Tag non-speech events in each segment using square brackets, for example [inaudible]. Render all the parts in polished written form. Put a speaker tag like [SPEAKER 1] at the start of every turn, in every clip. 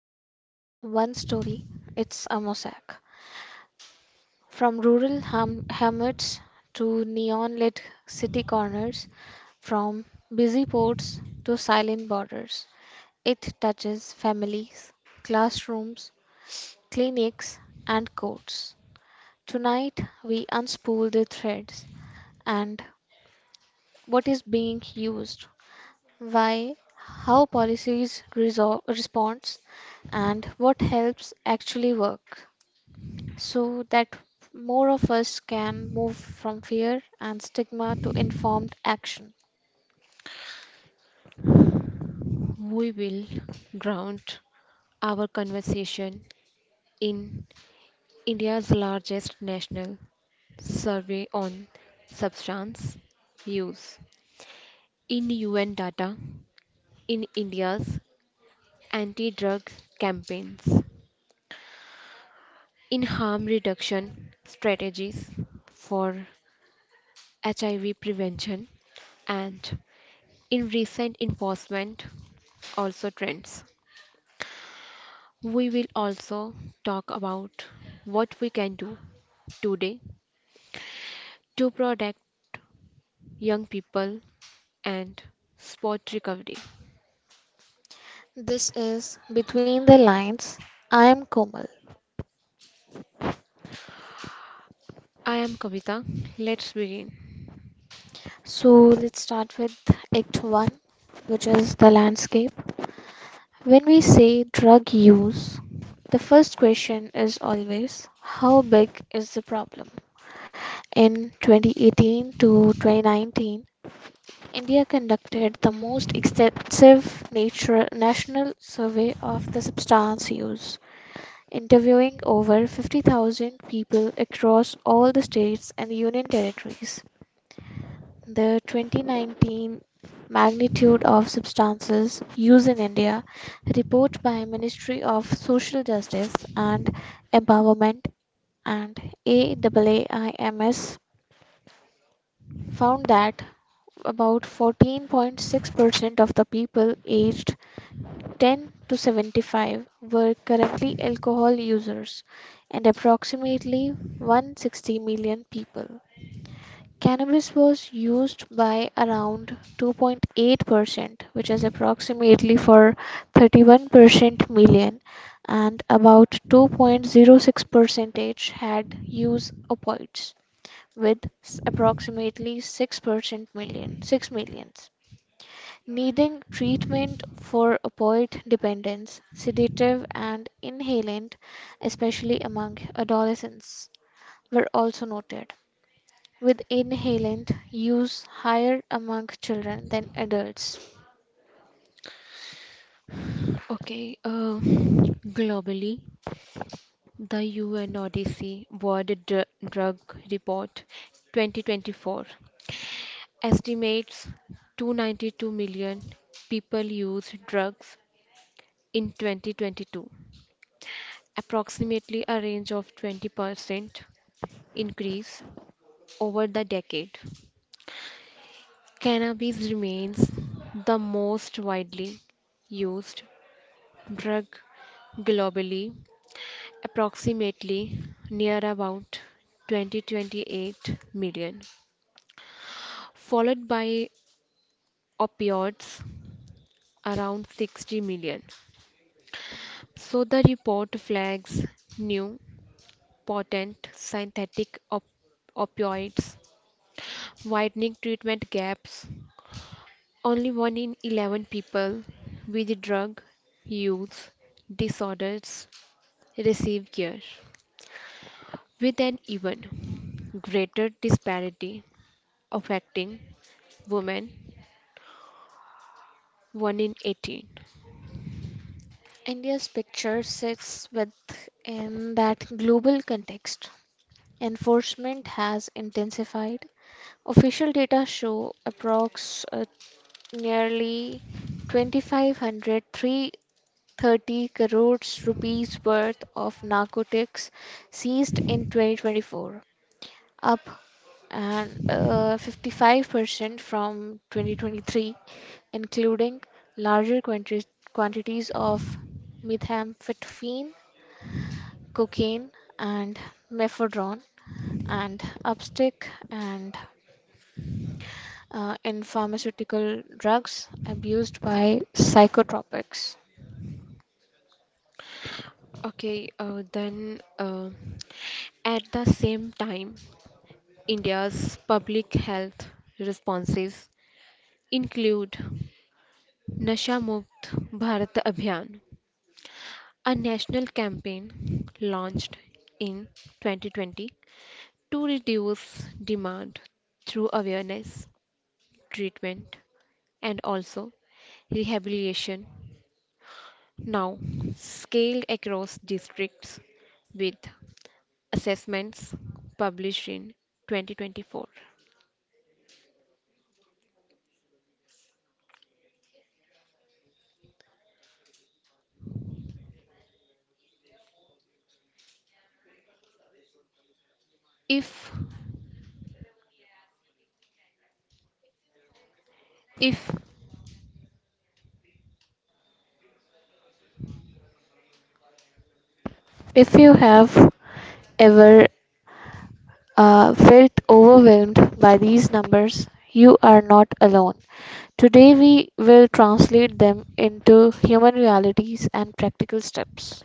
[SPEAKER 1] Is not one story, it's a mosaic. From rural hamlets to neon lit city corners, from busy ports to silent borders, it touches families, classrooms, clinics, and courts. Tonight, we unspool the threads and what is being used, why, how policies responds, and what helps actually work, so that more of us can move from fear and stigma to informed action.
[SPEAKER 2] We will ground our conversation in India's largest national survey on substance use. In UN data, in India's anti drug campaigns, in harm reduction strategies for HIV prevention, and in recent enforcement also trends. We will also talk about what we can do today to protect young people, and sport recovery.
[SPEAKER 1] This is Between the Lines. I am Komal.
[SPEAKER 2] I am Kavita. Let's begin.
[SPEAKER 1] So let's start with Act 1, which is the landscape. When we say drug use, the first question is always how big is the problem? In 2018 to 2019, India conducted the most extensive nature, national survey of the substance use, interviewing over 50,000 people across all the states and union territories. The 2019 magnitude of substances use in India report by Ministry of Social Justice and Empowerment and AAAIMS found that about 14.6% of the people aged 10 to 75 were currently alcohol users, and approximately 160 million people. Cannabis was used by around 2.8%, which is approximately for 31% million, and about 2.06% had use opioids with approximately 6% million 6 millions. Needing treatment for opioid dependence, sedative and inhalant, especially among adolescents, were also noted, with inhalant use higher among children than adults.
[SPEAKER 2] Okay, uh, Globally, the UN Odyssey World Drug Report 2024 estimates 292 million people use drugs in 2022, approximately a range of 20% increase over the decade. Cannabis remains the most widely used drug globally, approximately near about 20-28 million, followed by opioids around 60 million. So the report flags new potent synthetic opioids widening treatment gaps. Only 1 in 11 people with drug use disorders receive care, with an even greater disparity affecting women, 1 in 18.
[SPEAKER 1] India's picture sits within that global context. Enforcement has intensified. Official data show approx nearly 2503 30 crores rupees worth of narcotics seized in 2024, up and 55% from 2023, including larger quantities of methamphetamine, cocaine, and methadone, and upstick and in pharmaceutical drugs abused by psychotropics.
[SPEAKER 2] Okay, then At the same time, India's public health responses include Nasha Mukt Bharat Abhiyan, a national campaign launched in 2020 to reduce demand through awareness, treatment, and also rehabilitation. Now, scaled across districts with assessments published in 2024. If if
[SPEAKER 1] If you have ever felt overwhelmed by these numbers, you are not alone. Today, we will translate them into human realities and practical steps.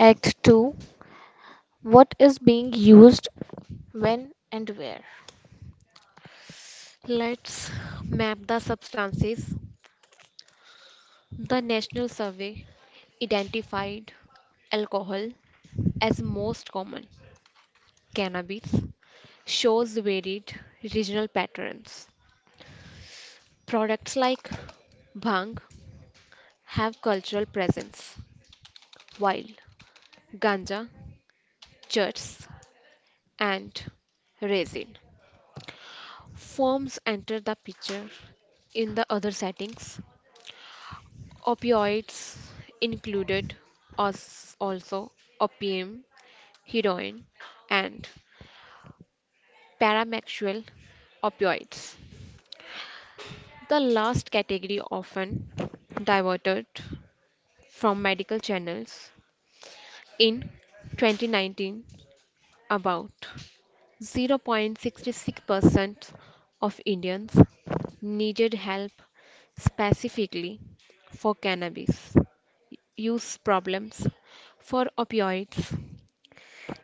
[SPEAKER 1] Act 2. What is being used, when, and where?
[SPEAKER 2] Let's map the substances. The National Survey identified alcohol as most common. Cannabis shows varied regional patterns. Products like bhang have cultural presence, while ganja, churs, and resin forms enter the picture in the other settings. Opioids included us also opium, heroin, and paramexual opioids. The last category often diverted from medical channels. In 2019, about 0.66% of Indians needed help specifically for cannabis use problems. For opioids,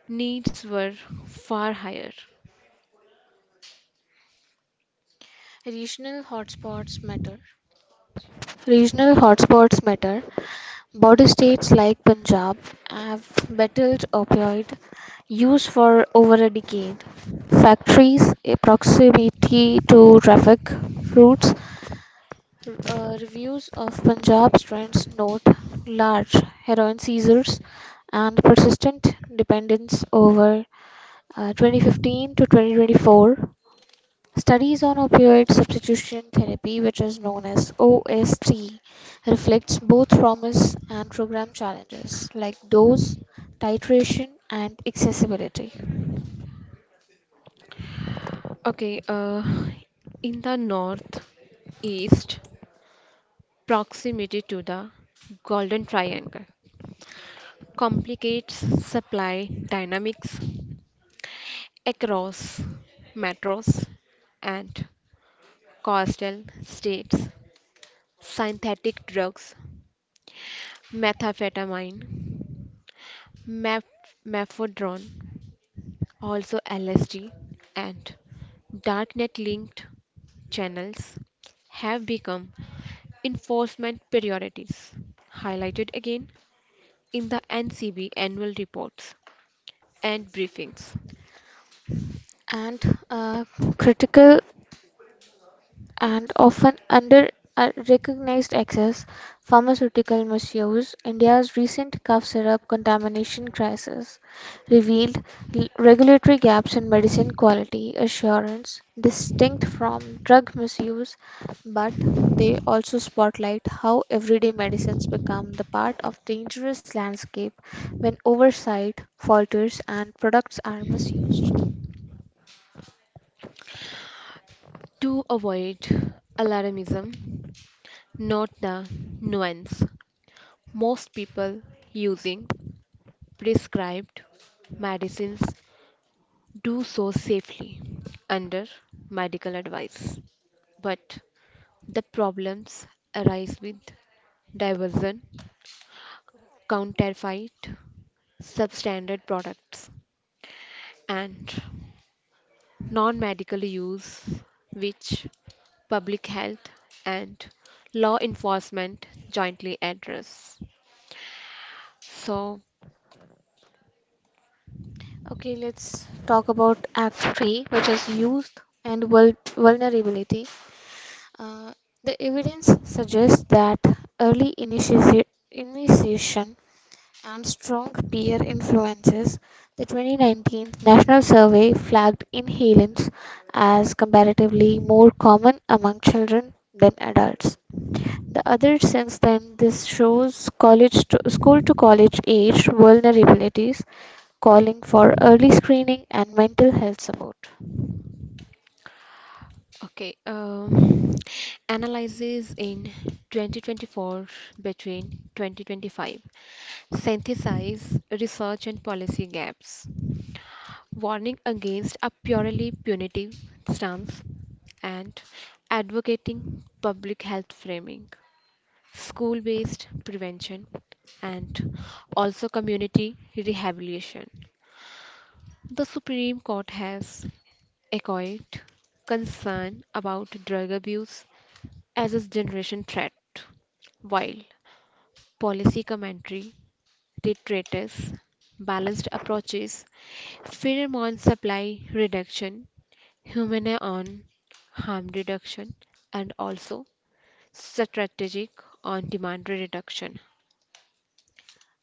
[SPEAKER 2] needs were far higher.
[SPEAKER 1] Regional hotspots matter. Regional hotspots matter. Border states like Punjab have battled opioid use for over a decade. Factories, a proximity to traffic routes, reviews of Punjab's trends note large heroin seizures and persistent dependence over 2015 to 2024. Studies on opioid substitution therapy, which is known as OST, reflects both promise and program challenges like dose, titration, and accessibility.
[SPEAKER 2] Okay, uh, in the northeast, proximity to the Golden Triangle complicates supply dynamics across metros and coastal states. Synthetic drugs, methamphetamine, methadone, also LSD, and darknet linked channels have become enforcement priorities, highlighted again in the NCB annual reports and briefings.
[SPEAKER 1] And uh, critical and often under recognized excess pharmaceutical misuse, India's recent cough syrup contamination crisis revealed regulatory gaps in medicine quality assurance distinct from drug misuse, but they also spotlight how everyday medicines become the part of dangerous landscape when oversight falters and products are misused.
[SPEAKER 2] To avoid alarmism, note the nuance: most people using prescribed medicines do so safely under medical advice. But the problems arise with diversion, counterfeit, substandard products, and non medical use, which public health and law enforcement jointly address. So,
[SPEAKER 1] Okay, let's talk about Act 3, which is youth and vulnerability. Uh, the evidence suggests that early initiation and strong peer influences, the 2019 National Survey flagged inhalants as comparatively more common among children than adults. The other since then, this shows college to, school to college age vulnerabilities calling for early screening and mental health support.
[SPEAKER 2] Okay, uh, Analysis in 2024 between 2025. Synthesize research and policy gaps. Warning against a purely punitive stance and advocating public health framing. School based prevention and also community rehabilitation. The Supreme Court has echoed concern about drug abuse as a generation threat, while policy commentary reiterates balanced approaches, firm on supply reduction, human on harm reduction, and also strategic on demand reduction.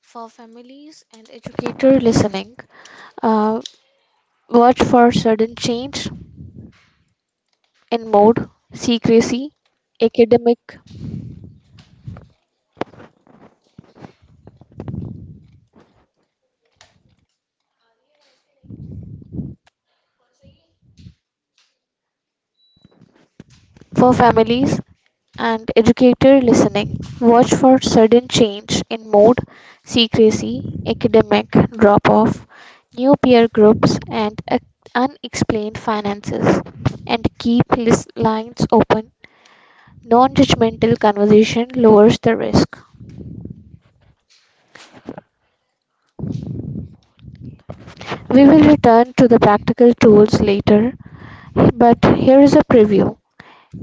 [SPEAKER 1] For families and educators listening, uh, watch for sudden change in mode, secrecy, academic. For families and educator listening, watch for sudden change in mode, secrecy, academic drop off, new peer groups, and unexplained finances. And keep list lines open. Non-judgmental conversation lowers the risk. We will return to the practical tools later, but here is a preview.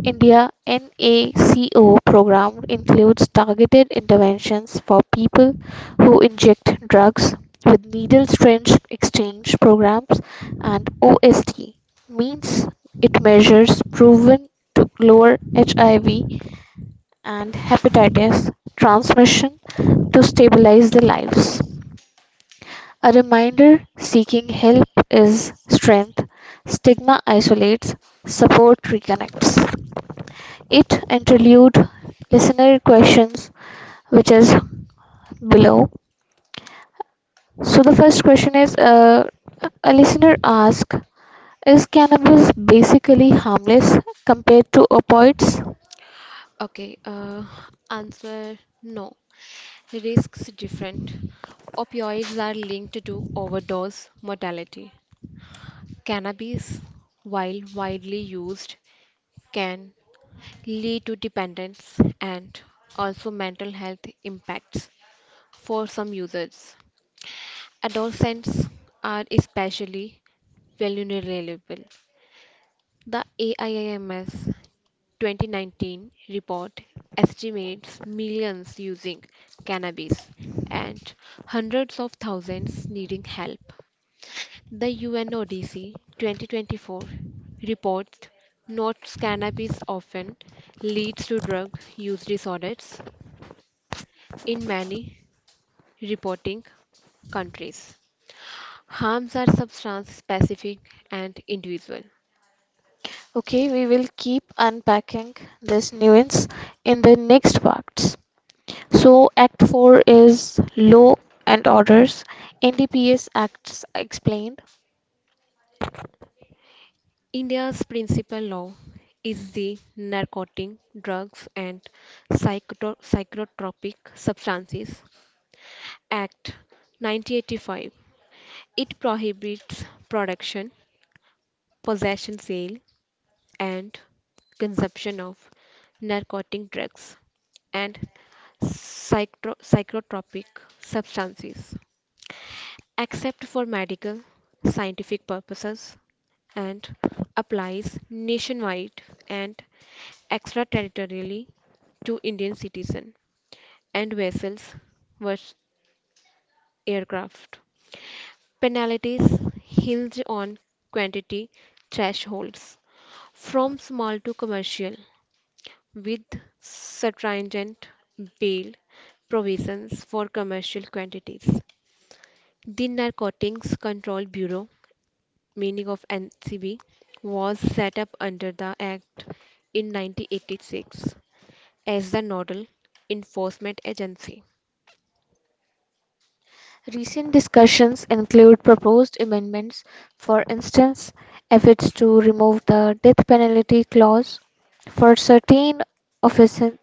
[SPEAKER 1] India NACO program includes targeted interventions for people who inject drugs with needle syringe exchange programs and OST means it measures proven to lower HIV and hepatitis transmission to stabilize the lives. A reminder seeking help is strength. Stigma isolates, support reconnects. It interlude listener questions, which is below. So the first question is a listener asks, is cannabis basically harmless compared to opioids?
[SPEAKER 2] Okay, uh, Answer, no. Risks different. Opioids are linked to overdose mortality. Cannabis, while widely used, can lead to dependence and also mental health impacts for some users. Adolescents are especially vulnerable. The AIIMS 2019 report estimates millions using cannabis and hundreds of thousands needing help. The UNODC 2024 report notes cannabis often leads to drug use disorders. In many reporting countries, harms are substance specific and individual.
[SPEAKER 1] Okay, we will keep unpacking this nuance in the next parts. So Act 4 is Law and Orders. NDPS Acts explained.
[SPEAKER 2] India's principal law is the Narcotic Drugs and Psychotropic Substances Act 1985. It prohibits production, possession, sale, and consumption of narcotic drugs and psychotropic substances, except for medical, scientific purposes, and applies nationwide and extraterritorially to Indian citizens and vessels versus aircraft. Penalties hinge on quantity thresholds from small to commercial, with stringent bail provisions for commercial quantities. The Narcotics Control Bureau, meaning of NCB, was set up under the Act in 1986 as the Nodal Enforcement Agency.
[SPEAKER 1] Recent discussions include proposed amendments, for instance, efforts to remove the death penalty clause for certain offenses,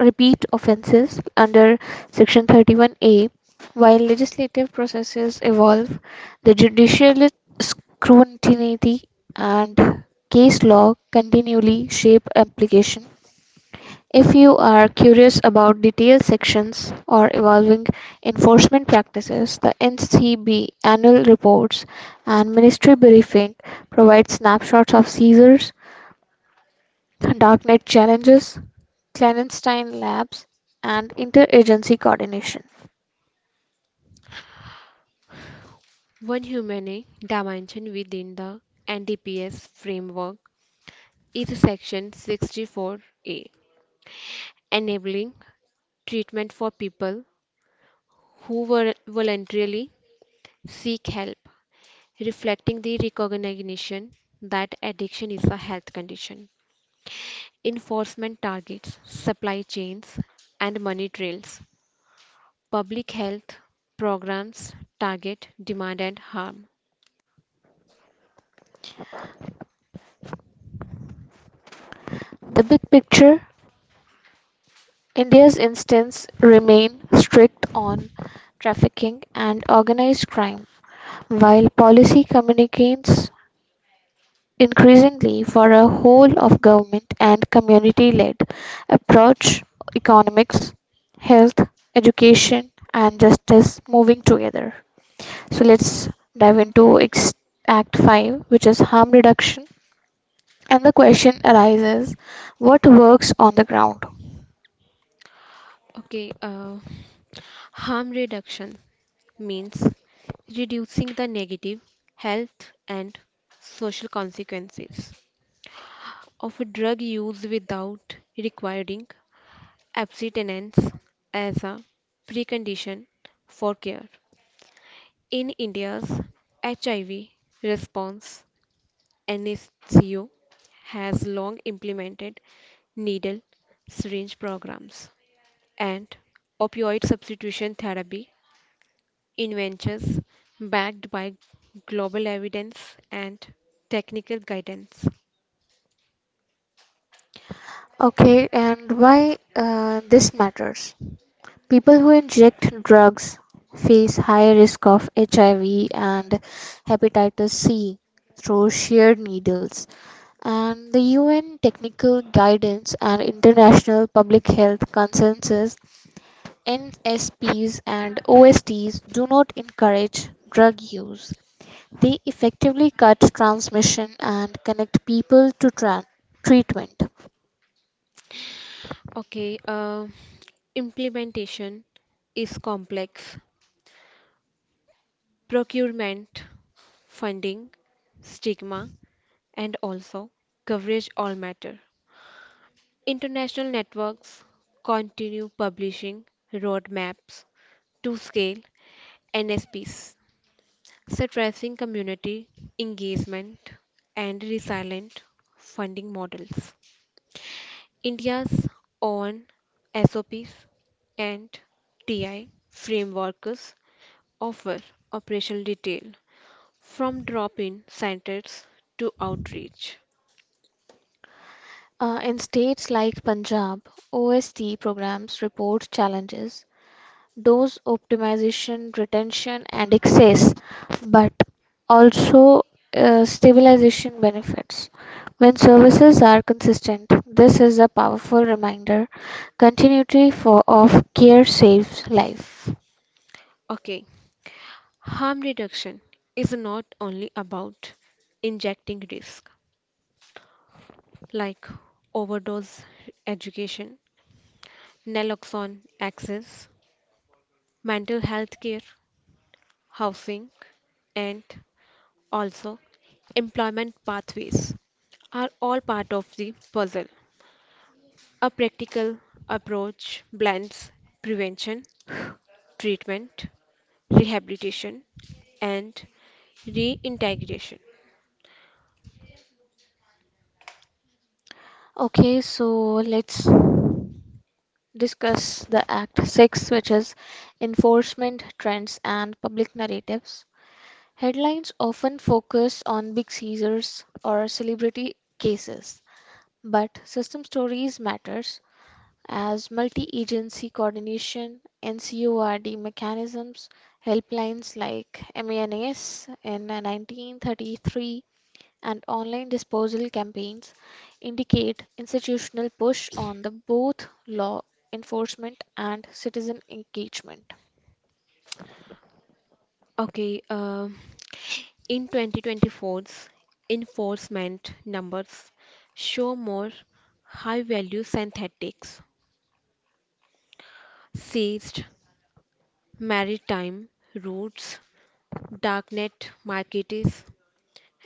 [SPEAKER 1] repeat offenses under Section 31A. While legislative processes evolve, the judicial scrutiny and case law continually shape application. If you are curious about detailed sections or evolving enforcement practices, the NCB annual reports and ministry briefing provide snapshots of seizures, darknet challenges, clandestine labs, and interagency coordination.
[SPEAKER 2] One humane dimension within the NDPS framework is Section 64A, enabling treatment for people who voluntarily seek help, reflecting the recognition that addiction is a health condition. Enforcement targets supply chains and money trails. Public health programs target demand and harm.
[SPEAKER 1] The big picture. India's instance remain strict on trafficking and organized crime, while policy communicates increasingly for a whole-of-government and community-led approach, economics, health, education, and justice moving together. So let's dive into Act 5, which is harm reduction. And the question arises what works on the ground?
[SPEAKER 2] Okay, uh, Harm reduction means reducing the negative health and social consequences of drug use without requiring abstinence as a precondition for care. In India's HIV response, NSCO has long implemented needle syringe programs and opioid substitution therapy inventions, backed by global evidence and technical guidance.
[SPEAKER 1] Okay, and why this matters? People who inject drugs face higher risk of HIV and hepatitis C through shared needles, and the UN Technical Guidance and International Public Health Consensus NSPs and OSTs do not encourage drug use. They effectively cut transmission and connect people to treatment.
[SPEAKER 2] Okay, uh, Implementation is complex. Procurement, funding, stigma, and also coverage all matter. International networks continue publishing roadmaps to scale NSPs, stressing community engagement and resilient funding models. India's own SOPs and TI frameworks offer operational detail from drop in centers to outreach.
[SPEAKER 1] In states like Punjab, OST programs report challenges dose optimization, retention, and excess, but also stabilization benefits. When services are consistent, this is a powerful reminder. Continuity for of care saves life.
[SPEAKER 2] Okay, Harm reduction is not only about injecting risk. Like overdose education, naloxone access, mental health care, housing, and also employment pathways are all part of the puzzle. A practical approach blends prevention, treatment, rehabilitation, and reintegration.
[SPEAKER 1] Okay, so let's discuss the Act 6, which is Enforcement Trends and Public Narratives. Headlines often focus on big seizures or celebrity cases. But system stories matters as multi-agency coordination, NCORD mechanisms, helplines like MANAS in 1933 and online disposal campaigns indicate institutional push on the both law enforcement and citizen engagement.
[SPEAKER 2] Okay, uh, in 2024's enforcement numbers show more high-value synthetics, seized maritime routes, darknet markets,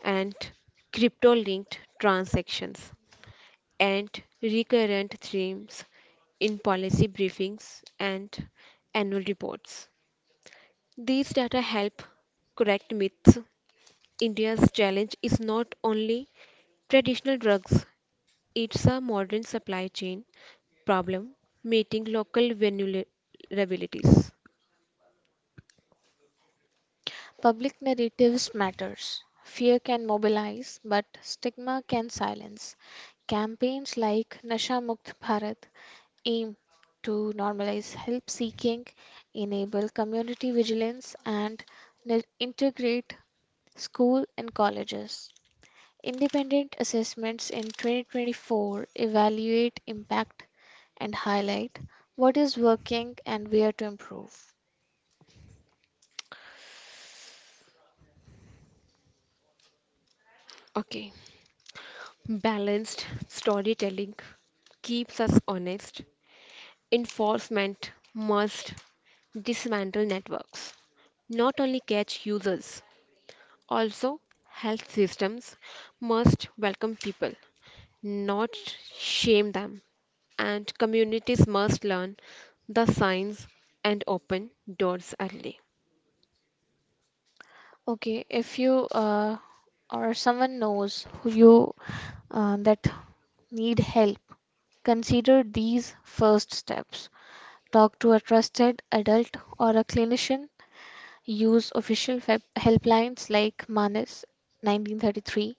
[SPEAKER 2] and crypto-linked transactions, and recurrent themes in policy briefings and annual reports. These data help correct myths. India's challenge is not only traditional drugs. It's a modern supply chain problem meeting local vulnerabilities.
[SPEAKER 1] Public narratives matters. Fear can mobilize, but stigma can silence. Campaigns like Nasha Mukt Bharat aim to normalize help seeking, enable community vigilance, and integrate school and colleges. Independent assessments in 2024 evaluate impact and highlight what is working and where to improve.
[SPEAKER 2] Okay, Balanced storytelling keeps us honest. Enforcement must dismantle networks, not only catch users. Also, health systems must welcome people, not shame them. And communities must learn the signs and open doors early.
[SPEAKER 1] Okay, if you or someone knows who you that need help, consider these first steps. Talk to a trusted adult or a clinician. Use official web helplines like Manas 1933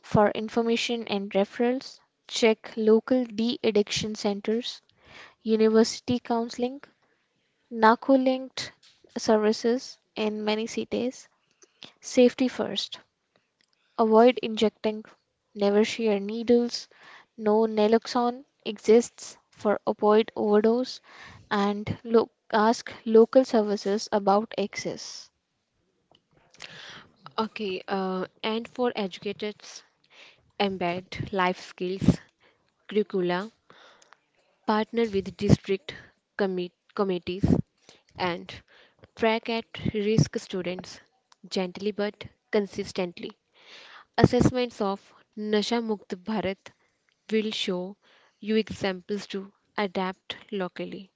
[SPEAKER 1] for information and referrals. Check local de addiction centers, university counseling, narco linked services in many cities. Safety first. Avoid injecting. Never share needles. No naloxone exists for opioid overdose. And look, ask local services about access.
[SPEAKER 2] Okay, and for educators, embed life skills curricula, partner with district committees, and track at risk students gently but consistently. Assessments of Nasha Mukt Bharat will show you examples to adapt locally.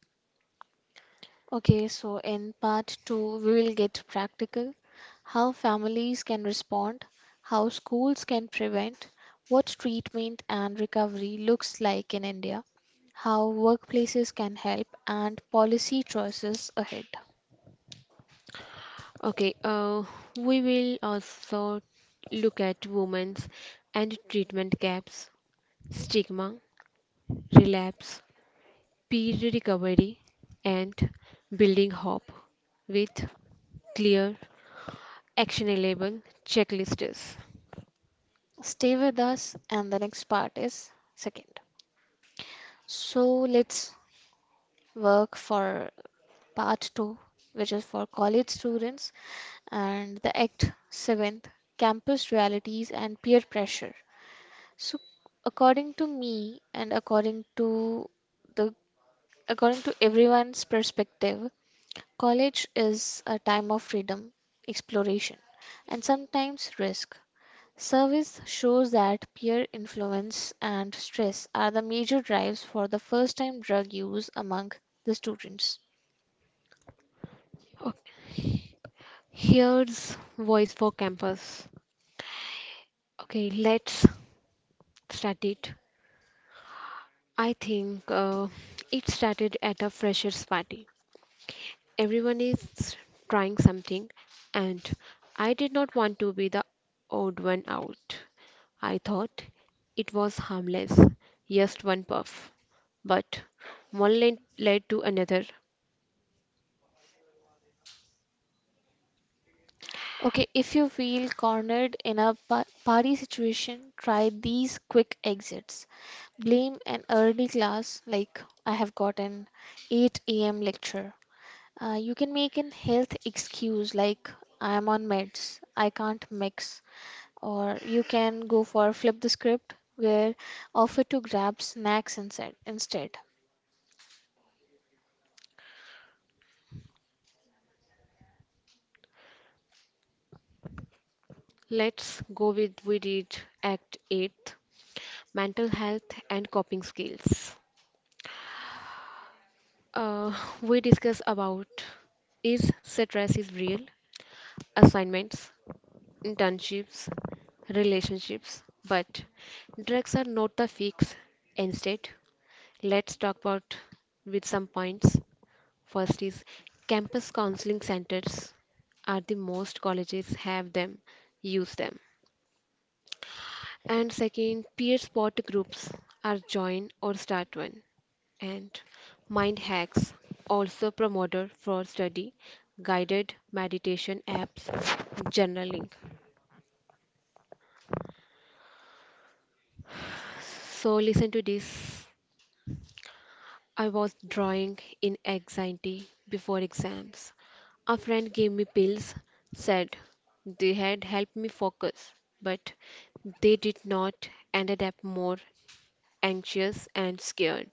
[SPEAKER 1] Okay, so in part two, we will get practical how families can respond, how schools can prevent, what treatment and recovery looks like in India, how workplaces can help, and policy choices ahead.
[SPEAKER 2] Okay, uh, we will also look at women's and treatment gaps, stigma, relapse, peer recovery, and building hope with clear, actionable checklists.
[SPEAKER 1] Stay with us, and the next part is second. So let's work for part two, which is for college students, and the Act 7th Campus Realities and Peer Pressure. So, according to me and the according to everyone's perspective, college is a time of freedom, exploration, and sometimes risk. Service shows that peer influence and stress are the major drives for the first-time drug use among the students.
[SPEAKER 2] Here's Voice for Campus. Okay, let's start it. I think it started at a freshers party. Everyone is trying something, and I did not want to be the odd one out. I thought it was harmless, just one puff. But one led to another.
[SPEAKER 1] Okay, if you feel cornered in a party situation, try these quick exits. Blame an early class like I have got an 8 a.m. lecture. You can make an health excuse like I'm on meds, I can't mix, or you can go for flip the script where offer to grab snacks instead.
[SPEAKER 2] Let's go with we did Act 8: Mental Health and Coping Skills. Uh, we discuss about is stress is real, assignments, internships, relationships, but drugs are not the fix. Instead, let's talk about with some points. First is campus counseling centers are the most colleges have them, use them. And second, peer support groups are join or start one. And mind hacks also promoted for study, guided meditation apps, journaling. So listen to this. I was drawing in anxiety before exams. A friend gave me pills, said they had helped me focus, but they did not ended up more anxious and scared.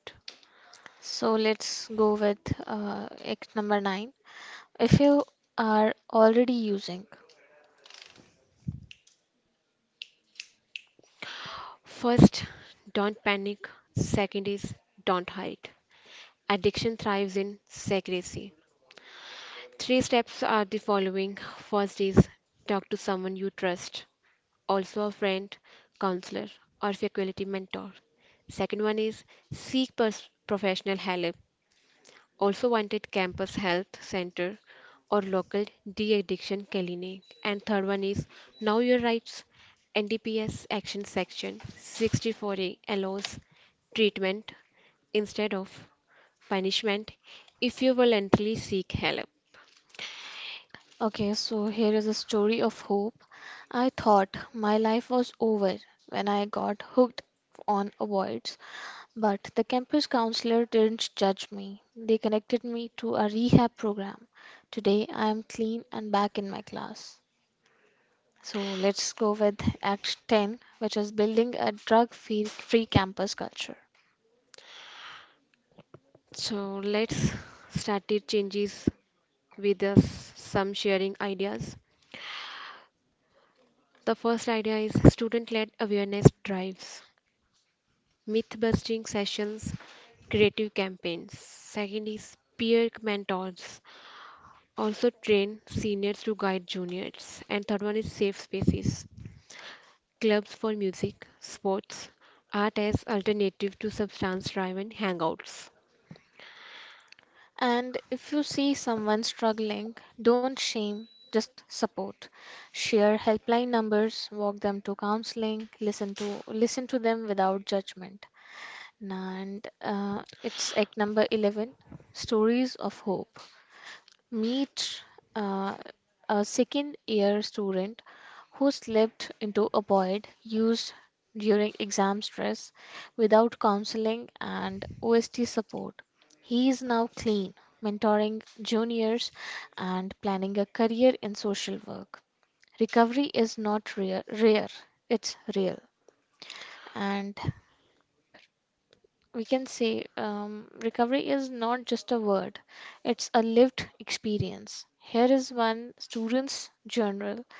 [SPEAKER 1] So let's go with X number 9. If you are already using.
[SPEAKER 2] First, don't panic. Second is don't hide. Addiction thrives in secrecy. Three steps are the following. First is talk to someone you trust, also a friend, counselor, or faculty mentor. Second one is seek professional help, also wanted campus health center or local de-addiction clinic. And third one is know your rights. NDPS action section 64A allows treatment instead of punishment if you voluntarily seek help.
[SPEAKER 1] Okay, so here is a story of hope. I thought my life was over when I got hooked on avoids, but the campus counselor didn't judge me. They connected me to a rehab program. Today I am clean and back in my class. So let's go with Act 10, which is building a drug free campus culture.
[SPEAKER 2] So let's start the changes with us some sharing ideas. The first idea is student led awareness drives, myth busting sessions, creative campaigns. Second is peer mentors, also train seniors to guide juniors. And third one is safe spaces, clubs for music, sports, art as alternative to substance driven hangouts.
[SPEAKER 1] And if you see someone struggling, don't shame, just support. Share helpline numbers, walk them to counseling, listen to them without judgment. And it's act number 11, stories of hope meet uh, a second year student who slipped into a void used during exam stress without counseling and OST support. He is now clean, mentoring juniors and planning a career in social work. Recovery is not rare, it's real. And we can say recovery is not just a word, it's a lived experience. Here is one student's journal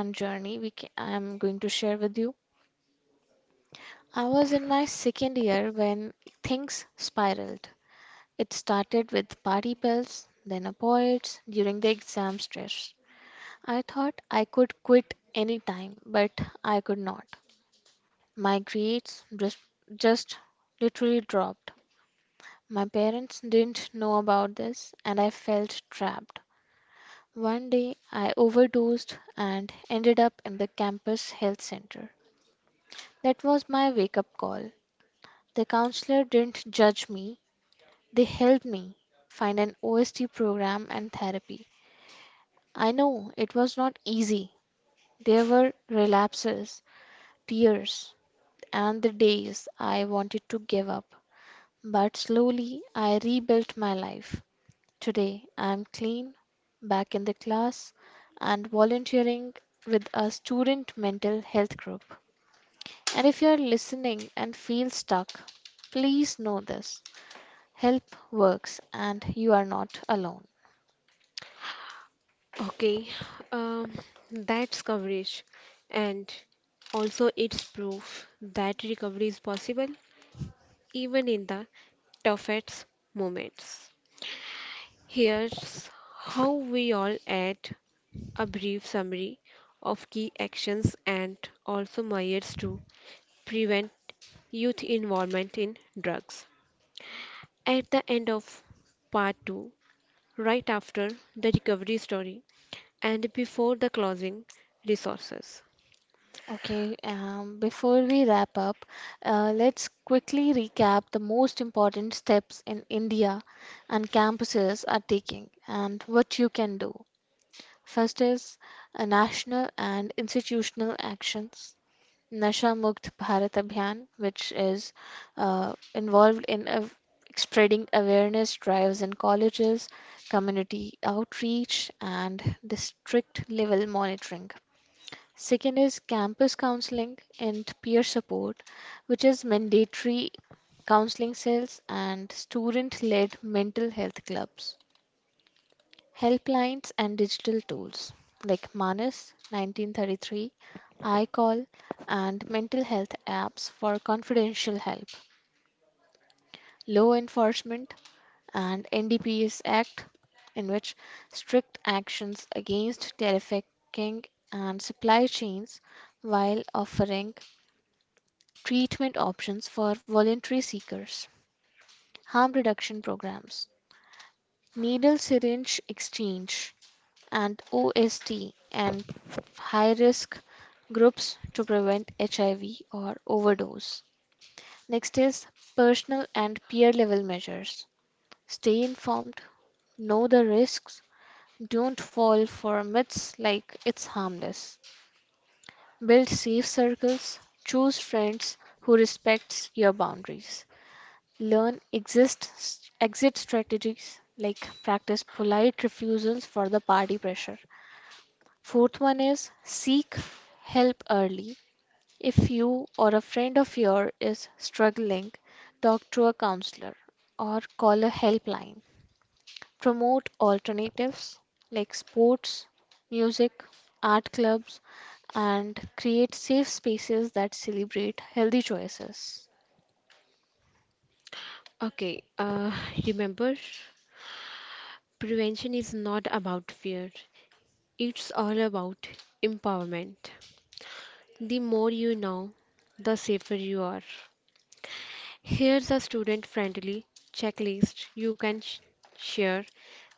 [SPEAKER 1] and journey I am going to share with you. I was in my second year when things spiraled. It started with party pills, then opioids during the exam stress. I thought I could quit anytime, but I could not. My grades just literally dropped. My parents didn't know about this, and I felt trapped. One day, I overdosed and ended up in the campus health center. That was my wake up call. The counselor didn't judge me, they helped me find an OST program and therapy. I know it was not easy. There were relapses, tears, and the days I wanted to give up. But slowly, I rebuilt my life. Today I'm clean, back in the class, and volunteering with a student mental health group. And if you're listening and feel stuck, please know this help works and you are not alone.
[SPEAKER 2] Okay, um, that's coverage, and also it's proof that recovery is possible even in the toughest moments. Here's how we all add a brief summary of key actions and also measures to prevent youth involvement in drugs. At the end of part 2, right after the recovery story and before the closing resources.
[SPEAKER 1] Okay, before we wrap up, let's quickly recap the most important steps in India and campuses are taking and what you can do. First is national and institutional actions. Nasha Mukt Bharat Abhiyan, which is involved in spreading awareness drives in colleges, community outreach, and district level monitoring. Second is campus counseling and peer support, which is mandatory counseling cells and student led mental health clubs, helplines and digital tools like Manas 1933, iCall, and mental health apps for confidential help, law enforcement, and NDPS Act, in which strict actions against trafficking and supply chains while offering treatment options for voluntary seekers, harm reduction programs, needle syringe exchange, and OST and high risk groups to prevent HIV or overdose. Next is personal and peer level measures. Stay informed, know the risks, don't fall for myths like it's harmless. Build safe circles, choose friends who respect your boundaries. Learn exit strategies like practice polite refusals for the party pressure. Fourth one is seek help early. If you or a friend of yours is struggling, talk to a counselor or call a helpline. Promote alternatives like sports, music, art clubs, and create safe spaces that celebrate healthy choices.
[SPEAKER 2] Okay, uh, Remember, prevention is not about fear, it's all about empowerment. The more you know, the safer you are. Here's a student friendly checklist you can share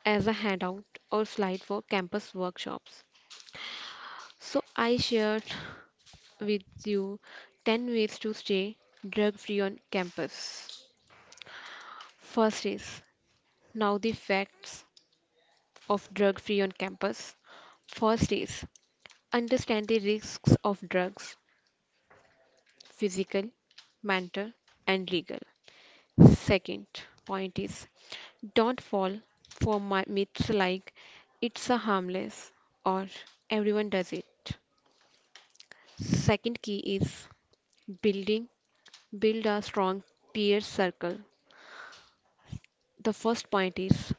[SPEAKER 2] as a handout or slide for campus workshops. So, I shared [laughs] with you 10 ways to stay drug free on campus. First is now the facts of drug free on campus. First is understand the risks of drugs: physical, mental, and legal. Second point is, don't fall for my myths like it's a harmless or everyone does it. Second key is building build a strong peer circle. The first point is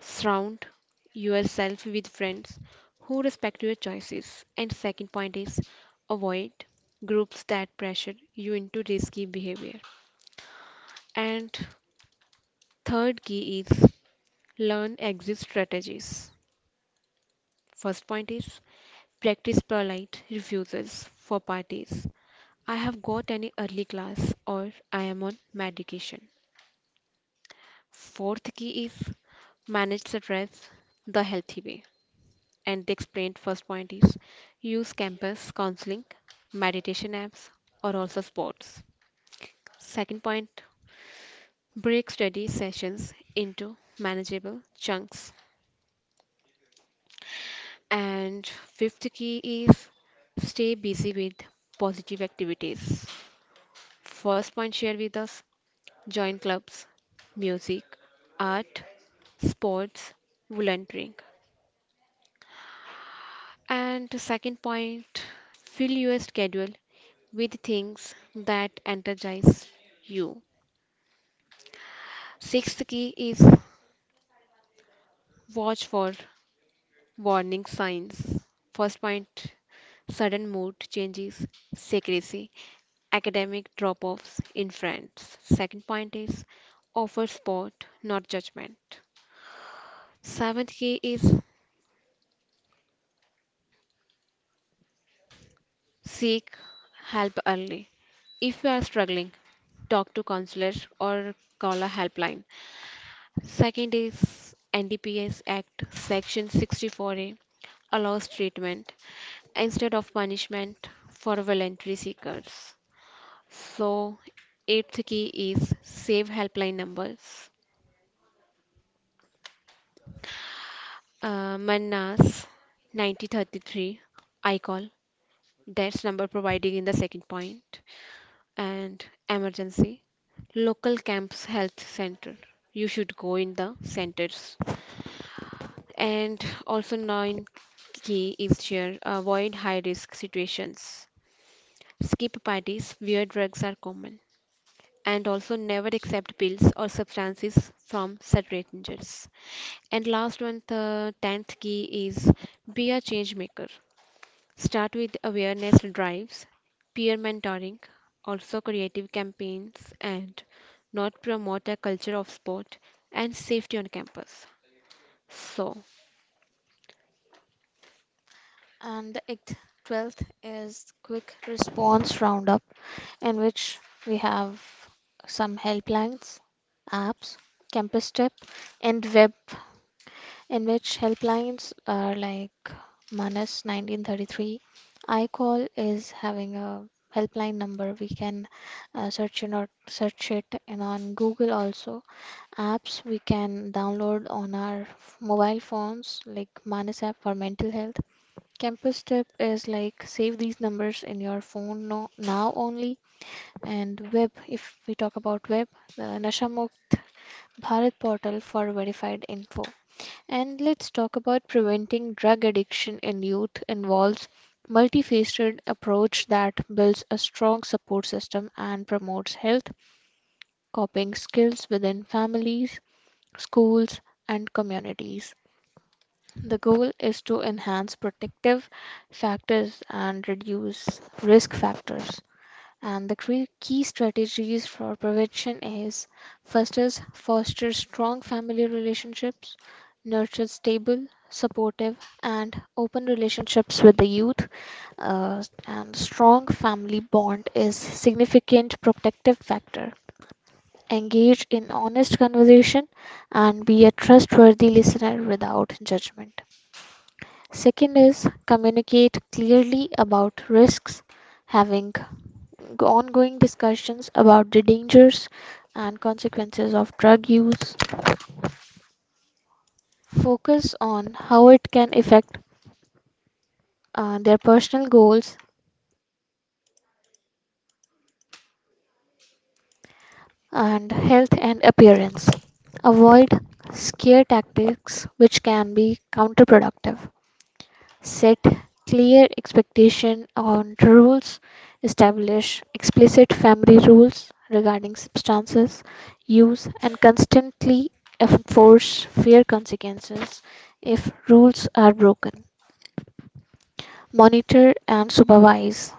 [SPEAKER 2] surround yourself with friends who respect your choices. And second point is avoid groups that pressure you into risky behavior. And third key is learn exit strategies. First point is, practice polite refuses for parties. I have got an early class or I am on medication. Fourth key is manage stress the healthy way. And the explained first point is use campus counseling, meditation apps, or also sports. Second point, break study sessions into manageable chunks. And fifth key is stay busy with positive activities. First point shared with us: join clubs, music, art, sports, volunteering. And the second point, fill your schedule with things that energize you. Sixth key is watch for warning signs. First point, sudden mood changes, secrecy, academic drop offs in friends. Second point is offer support, not judgment. Seventh key is seek help early. If you are struggling, talk to counselors or call a helpline. Second is NDPS Act Section 64A allows treatment instead of punishment for voluntary seekers. So, eighth key is save helpline numbers. Mannas 9033, I call, that's number provided in the second point. And emergency local camps health center, you should go in the centers. And also nine key is here: avoid high risk situations, skip parties where drugs are common, and also never accept pills or substances from strangers. And last one, the tenth key is be a change maker. Start with awareness drives, peer mentoring, also creative campaigns, and not promote a culture of sport and safety on campus. So,
[SPEAKER 1] And the eighth, 12th is quick response roundup, in which we have some helplines, apps, campus tip, and web, in which helplines are like Manas 1933. iCall is having a helpline number. We can search it or search it and on Google also. Apps we can download on our mobile phones like Manas app for mental health. Campus tip is like save these numbers in your phone no, now only. And web, if we talk about web, the Nashamukt Bharat portal for verified info. And let's talk about preventing drug addiction in youth involves multifaceted approach that builds a strong support system and promotes health coping skills within families, schools, and communities. The goal is to enhance protective factors and reduce risk factors. And the key strategies for prevention is, first is foster strong family relationships, nurture stable, supportive, and open relationships with the youth. And strong family bond is significant protective factor. Engage in honest conversation and be a trustworthy listener without judgment. Second is communicate clearly about risks, having ongoing discussions about the dangers and consequences of drug use, focus on how it can affect their personal goals and health and appearance. Avoid scare tactics which can be counterproductive. Set clear expectation on rules, establish explicit family rules regarding substances use, and constantly enforce fair consequences if rules are broken. Monitor and supervise.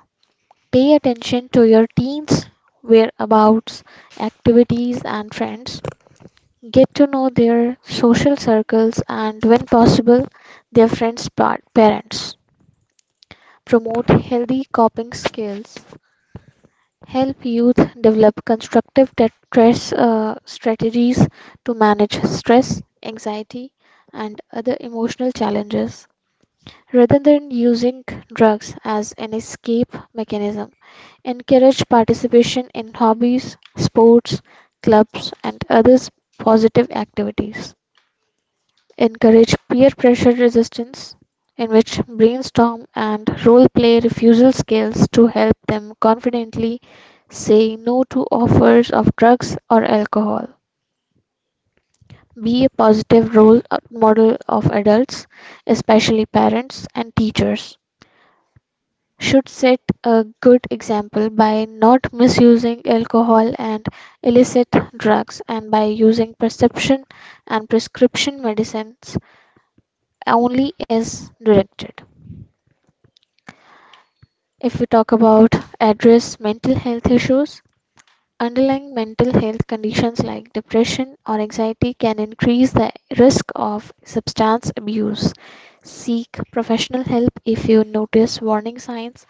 [SPEAKER 1] Pay attention to your teens' whereabouts, activities, and friends. Get to know their social circles and, when possible, their friends' parents. Promote healthy coping skills, help youth develop constructive te- stress strategies to manage stress, anxiety, and other emotional challenges. Rather than using drugs as an escape mechanism, encourage participation in hobbies, sports, clubs, and other positive activities. Encourage peer pressure resistance, in which brainstorm and role play refusal skills to help them confidently say no to offers of drugs or alcohol. Be a positive role model of adults, especially parents and teachers. Should set a good example by not misusing alcohol and illicit drugs and by using prescription medicines only as directed. If we talk about address mental health issues, underlying mental health conditions like depression or anxiety can increase the risk of substance abuse. Seek professional help if you notice warning signs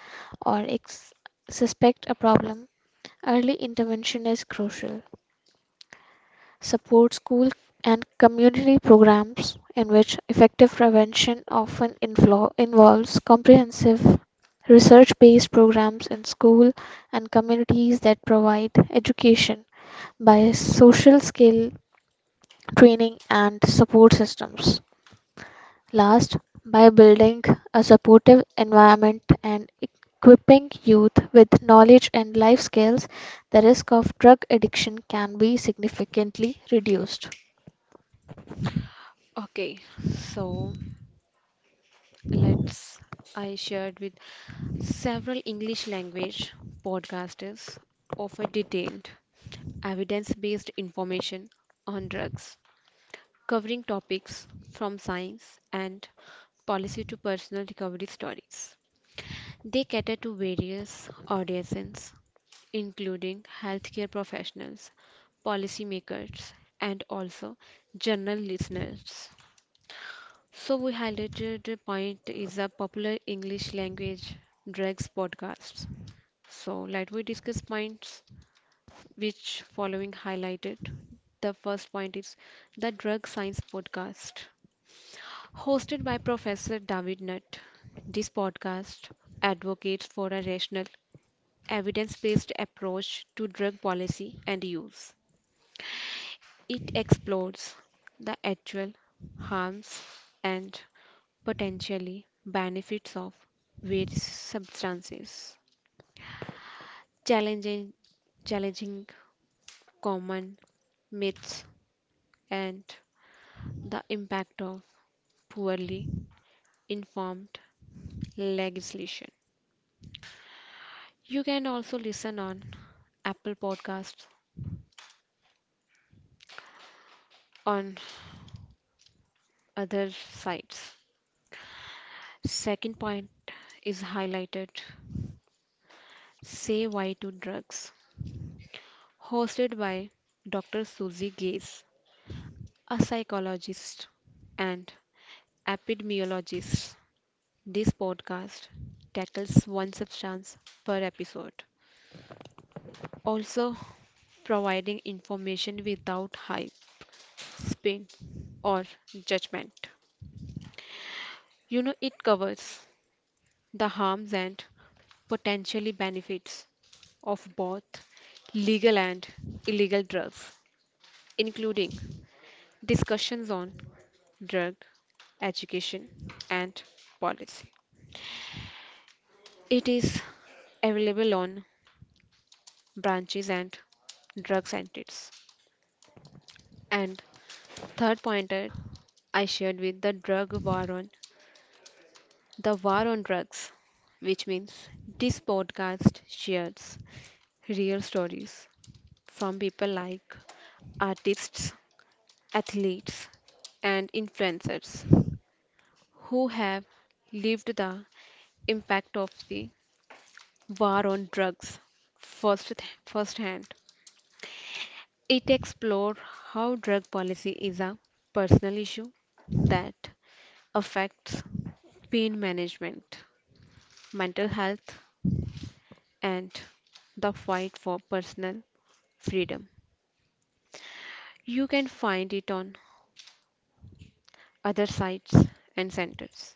[SPEAKER 1] or suspect a problem. Early intervention is crucial. Support school and community programs in which effective prevention often involves comprehensive research based programs in school and communities that provide education by social skill training and support systems. Last, by building a supportive environment and equipping youth with knowledge and life skills, the risk of drug addiction can be significantly reduced.
[SPEAKER 2] okay, so let's. I shared with several English language podcasters offer detailed, evidence based information on drugs, covering topics from science and policy to personal recovery stories. They cater to various audiences, including healthcare professionals, policymakers, and also general listeners. So, we highlighted the point is a popular English language drugs podcast. So, let we discuss points which following highlighted. The first point is the Drug Science Podcast. Hosted by Professor David Nutt, this podcast advocates for a rational evidence based approach to drug policy and use. It explores the actual harms and potentially benefits of various substances, challenging, challenging common myths and the impact of poorly informed legislation. You can also listen on Apple Podcasts on other sites. Second point is highlighted Say Why to Drugs, hosted by Dr. Susie Gaze, a psychologist and epidemiologist. This podcast tackles one substance per episode, also providing information without hype, spin, or judgment. It covers the harms and potentially benefits of both legal and illegal drugs, including discussions on drug education and policy. It is available on branches and drug centers. And third pointer I shared with the drug war on the war on drugs, which means this podcast shares real stories from people like artists, athletes, and influencers who have lived the impact of the war on drugs firsthand. It explores how drug policy is a personal issue that affects pain management, mental health, and the fight for personal freedom. You can find it on other sites and centers.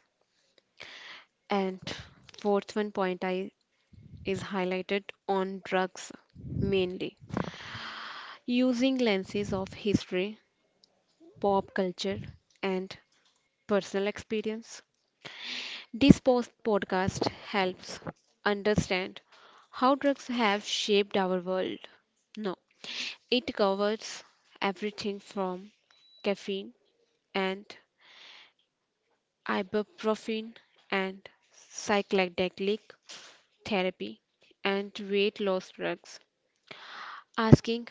[SPEAKER 2] And fourth one point I is highlighted on drugs mainly, using lenses of history, pop culture, and personal experience. This post podcast helps understand how drugs have shaped our world. No, it covers everything from caffeine and ibuprofen and psychedelic therapy and weight loss drugs, asking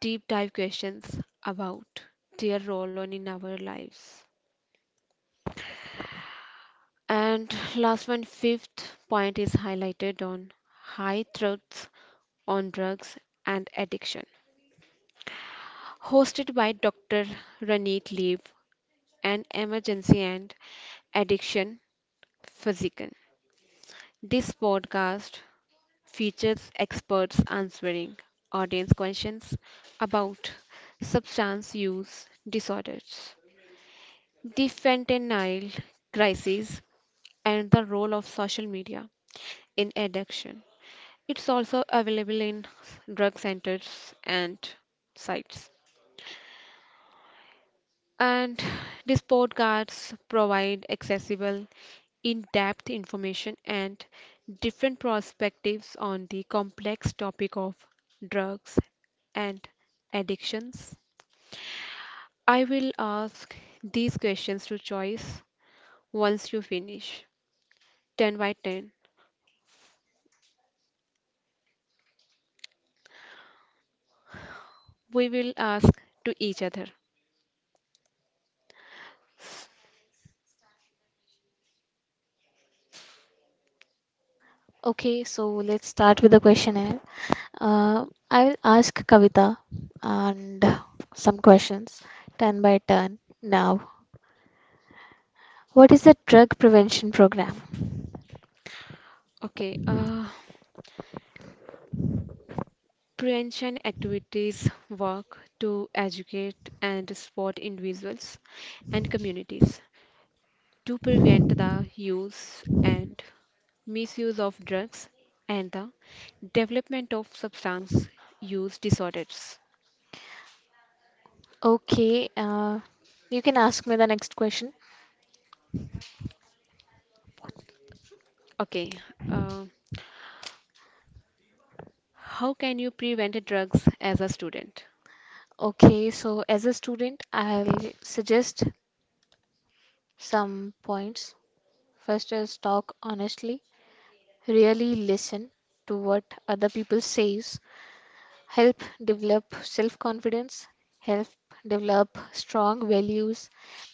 [SPEAKER 2] deep dive questions about their role on in our lives. And last one, fifth point is highlighted on high threats on drugs and addiction. Hosted by Dr. Ranit Leeb, an emergency and addiction physician. This podcast features experts answering audience questions about substance use disorders, the fentanyl crisis, and the role of social media in addiction. It's also available in drug centers and sites. And [sighs] these podcasts provide accessible, in depth information and different perspectives on the complex topic of drugs and addictions. I will ask these questions to choice once you finish 10 by 10 we will ask to each other.
[SPEAKER 1] Okay, so let's start with the questionnaire. I will ask Kavita and some questions, turn by turn. Now, what is the drug prevention program?
[SPEAKER 2] Okay, prevention activities work to educate and support individuals and communities to prevent the use and misuse of drugs and the development of substance use disorders.
[SPEAKER 1] Okay, you can ask me the next question.
[SPEAKER 2] Okay, uh, how can you prevent drugs as a student?
[SPEAKER 1] Okay, so as a student, I'll suggest some points. First is talk honestly, really listen to what other people say, help develop self confidence, help develop strong values,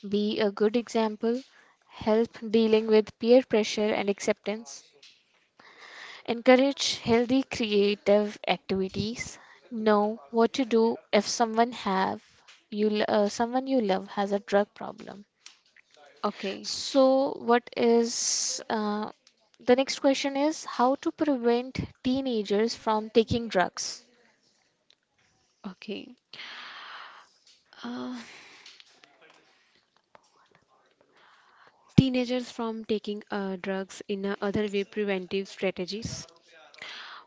[SPEAKER 1] be a good example, help dealing with peer pressure and acceptance, encourage healthy creative activities, know what to do if someone you love has a drug problem.
[SPEAKER 2] Okay,
[SPEAKER 1] So what is the next question is how to prevent teenagers from taking drugs.
[SPEAKER 2] okay. Uh, teenagers from taking drugs in a other way preventive strategies,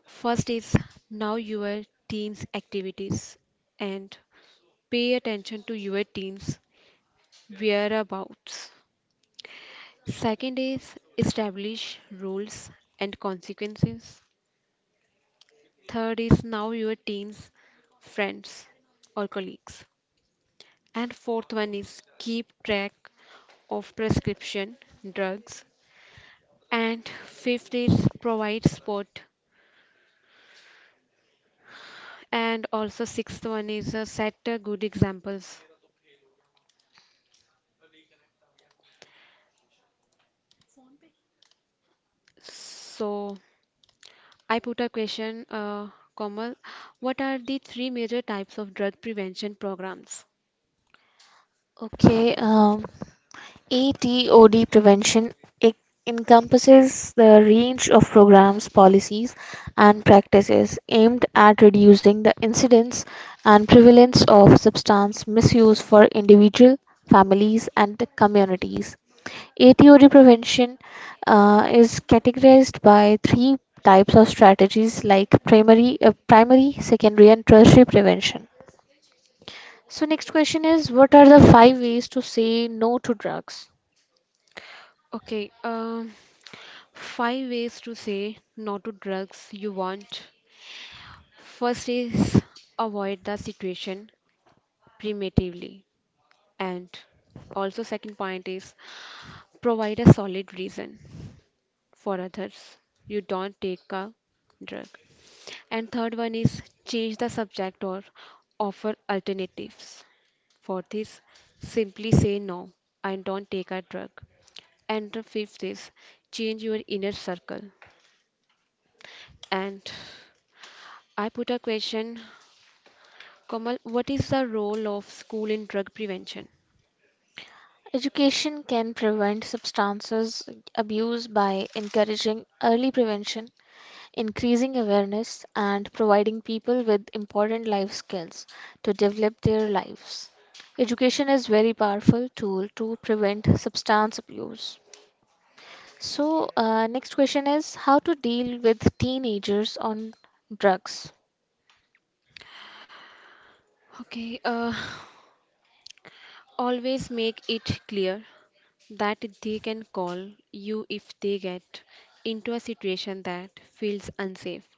[SPEAKER 2] first is know your teens activities and pay attention to your teens whereabouts, second is establish rules and consequences, third is know your teens friends or colleagues, and fourth one is keep track of prescription drugs, and fifth is provide support. And also sixth one is set good examples. So I put a question, Komal, what are the three major types of drug prevention programs?
[SPEAKER 1] Okay, um, ETOD prevention e- encompasses the range of programs, policies, and practices aimed at reducing the incidence and prevalence of substance misuse for individual, families, and the communities. ATOD prevention is categorized by three types of strategies like primary, secondary, and tertiary prevention. So next question is what are the five ways to say no to drugs?
[SPEAKER 2] Okay, five ways to say no to drugs you want. First is avoid the situation primitively, and also second point is provide a solid reason for others you don't take a drug. And third one is change the subject or offer alternatives. For this, simply say no, I don't take a drug. And the fifth is change your inner circle. And I put a question, Komal. What is the role of school in drug prevention?
[SPEAKER 1] Education can prevent substances abuse by encouraging early prevention, increasing awareness, and providing people with important life skills to develop their lives. Education is very powerful tool to prevent substance abuse. So, next question is how to deal with teenagers on drugs.
[SPEAKER 2] Okay, always make it clear that they can call you if they get into a situation that feels unsafe.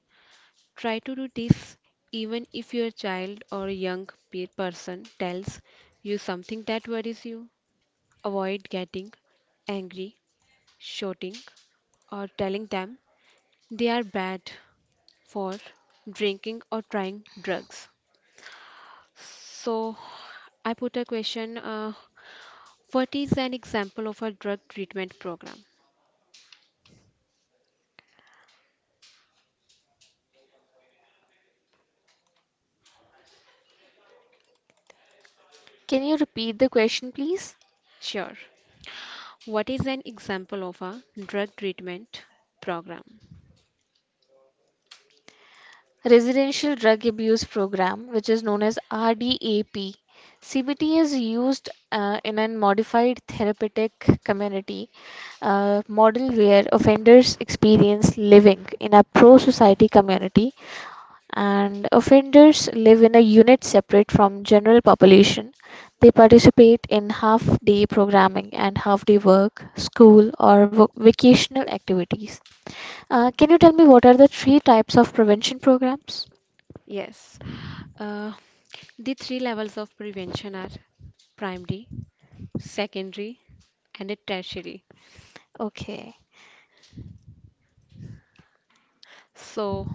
[SPEAKER 2] Try to do this even if your child or young pe- person tells you something that worries you. Avoid getting angry, shouting, or telling them they are bad for drinking or trying drugs. So, I put a question what is an example of a drug treatment program?
[SPEAKER 1] Can you repeat the question, please?
[SPEAKER 2] Sure. What is an example of a drug treatment program?
[SPEAKER 1] Residential Drug Abuse Program, which is known as RDAP. CBT is used in a modified therapeutic community model where offenders experience living in a pro society community and offenders live in a unit separate from general population. They participate in half day programming and half day work school or vocational activities. Can you tell me what are the three types of prevention programs?
[SPEAKER 2] Yes. Uh, the three levels of prevention are primary, secondary, and a tertiary.
[SPEAKER 1] Okay.
[SPEAKER 2] So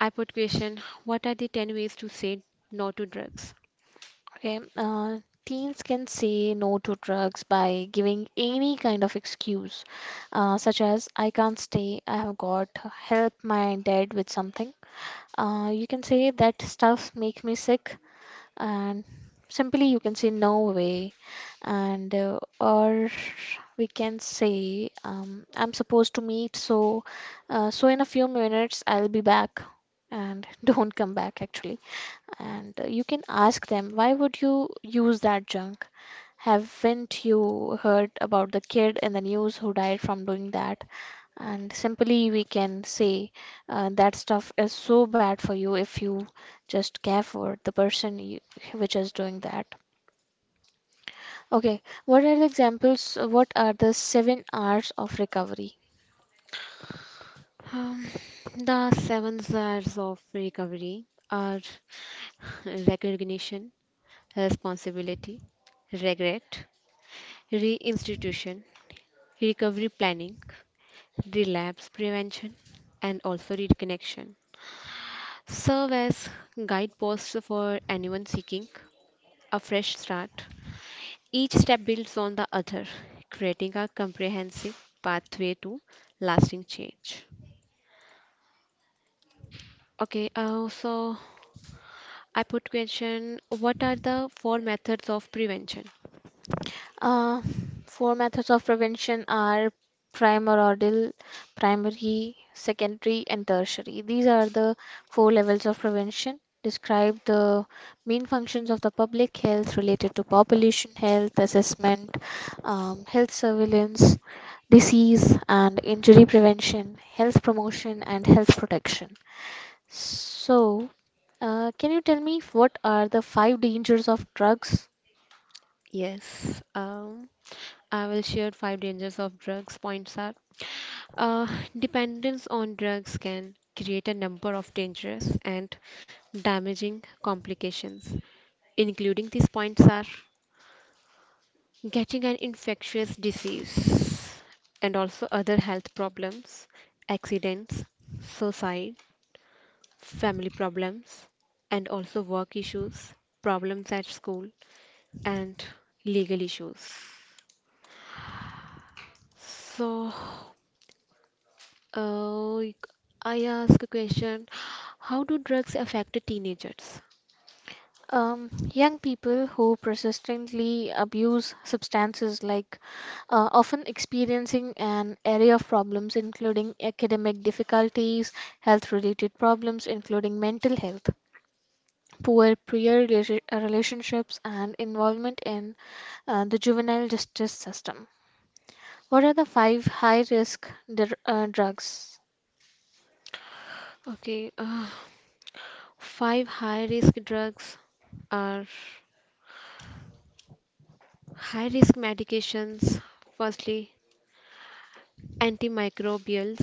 [SPEAKER 2] I put question, what are the 10 ways to say no to drugs?
[SPEAKER 1] Okay. Teens can say no to drugs by giving any kind of excuse, such as I can't stay, I have got help my dad with something. You can say that stuff makes me sick, and simply you can say no way, and or we can say I'm supposed to meet, so in a few minutes I'll be back, and [laughs] don't come back actually. And you can ask them, why would you use that junk? Haven't you heard about the kid in the news who died from doing that? And simply we can say that stuff is so bad for you if you just care for the person you, which is doing that. Okay, what are the examples? What are the seven R's of recovery?
[SPEAKER 2] Um, the 7 R's of recovery are [laughs] recognition, responsibility, regret, reinstitution, recovery planning, relapse prevention, and also reconnection. Serve as guideposts for anyone seeking a fresh start. Each step builds on the other, creating a comprehensive pathway to lasting change. Okay, so I put question what are the four methods of prevention?
[SPEAKER 1] Uh, four methods of prevention are primordial, primary, secondary, and tertiary. These are the four levels of prevention. Describe the main functions of the public health related to population health assessment, health surveillance, disease and injury prevention, health promotion, and health protection. So, can you tell me what are the five dangers of drugs?
[SPEAKER 2] Yes, I will share five dangers of drugs. Points are uh, dependence on drugs can create a number of dangerous and damaging complications including these points are getting an infectious disease and also other health problems, accidents, suicide, family problems, and also work issues, problems at school, and legal issues. So, uh, I ask a question, how do drugs affect teenagers?
[SPEAKER 1] Young people who persistently abuse substances like often experiencing an array of problems including academic difficulties, health related problems including mental health, poor peer relationships and involvement in the juvenile justice system. What are the five high risk drugs?
[SPEAKER 2] Okay, five high risk drugs are high risk medications, firstly, antimicrobials,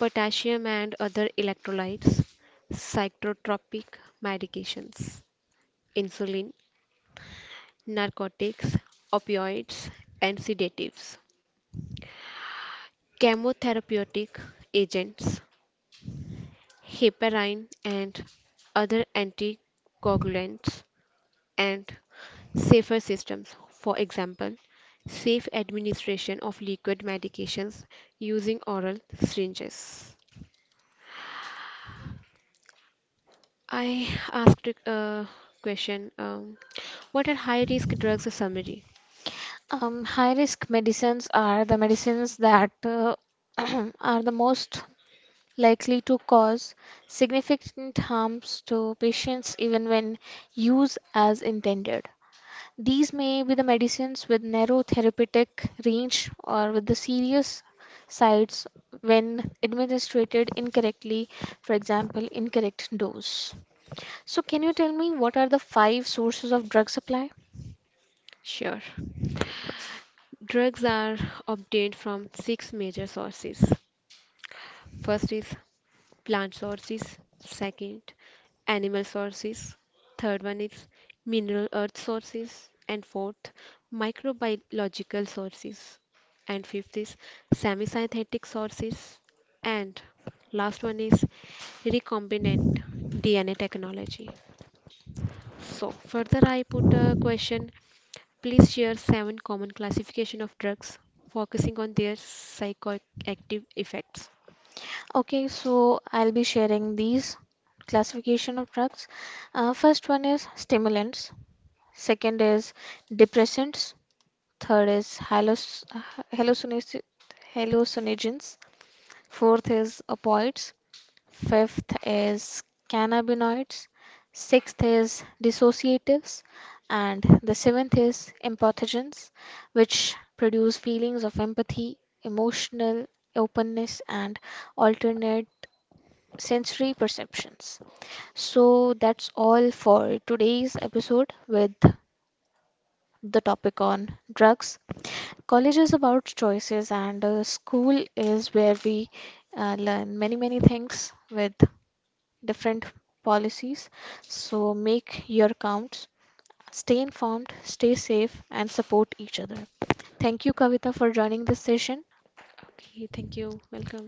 [SPEAKER 2] potassium and other electrolytes, psychotropic medications, insulin, narcotics, opioids, and sedatives, chemotherapeutic agents, heparin, and other anticoagulants, and safer systems. For example, safe administration of liquid medications using oral syringes. I asked a question what are high risk drugs? A summary.
[SPEAKER 1] High risk medicines are the medicines that [clears throat] are the most likely to cause significant harms to patients even when used as intended. These may be the medicines with narrow therapeutic range or with the serious sides when administered incorrectly, for example, incorrect dose. So, can you tell me what are the five sources of drug supply?
[SPEAKER 2] Sure. Drugs are obtained from 6 major sources. First is plant sources, second animal sources, third one is mineral earth sources, and fourth microbiological sources, and fifth is semisynthetic sources, and last one is recombinant DNA technology. So further I put a question, please share seven common classification of drugs focusing on their psychoactive effects.
[SPEAKER 1] Okay, so I'll be sharing these classification of drugs. First one is stimulants, second is depressants, third is hallucinaci- hallucinogens. Fourth is opioids. Fifth is cannabinoids. Sixth is dissociatives. And the seventh is empathogens, which produce feelings of empathy, emotional openness, and alternate sensory perceptions. So that's all for today's episode with the topic on drugs. College is about choices, and school is where we learn many, many things with different policies. So make your counts, stay informed, stay safe, and support each other. Thank you, Kavita, for joining this session.
[SPEAKER 2] Okay, thank you. Welcome.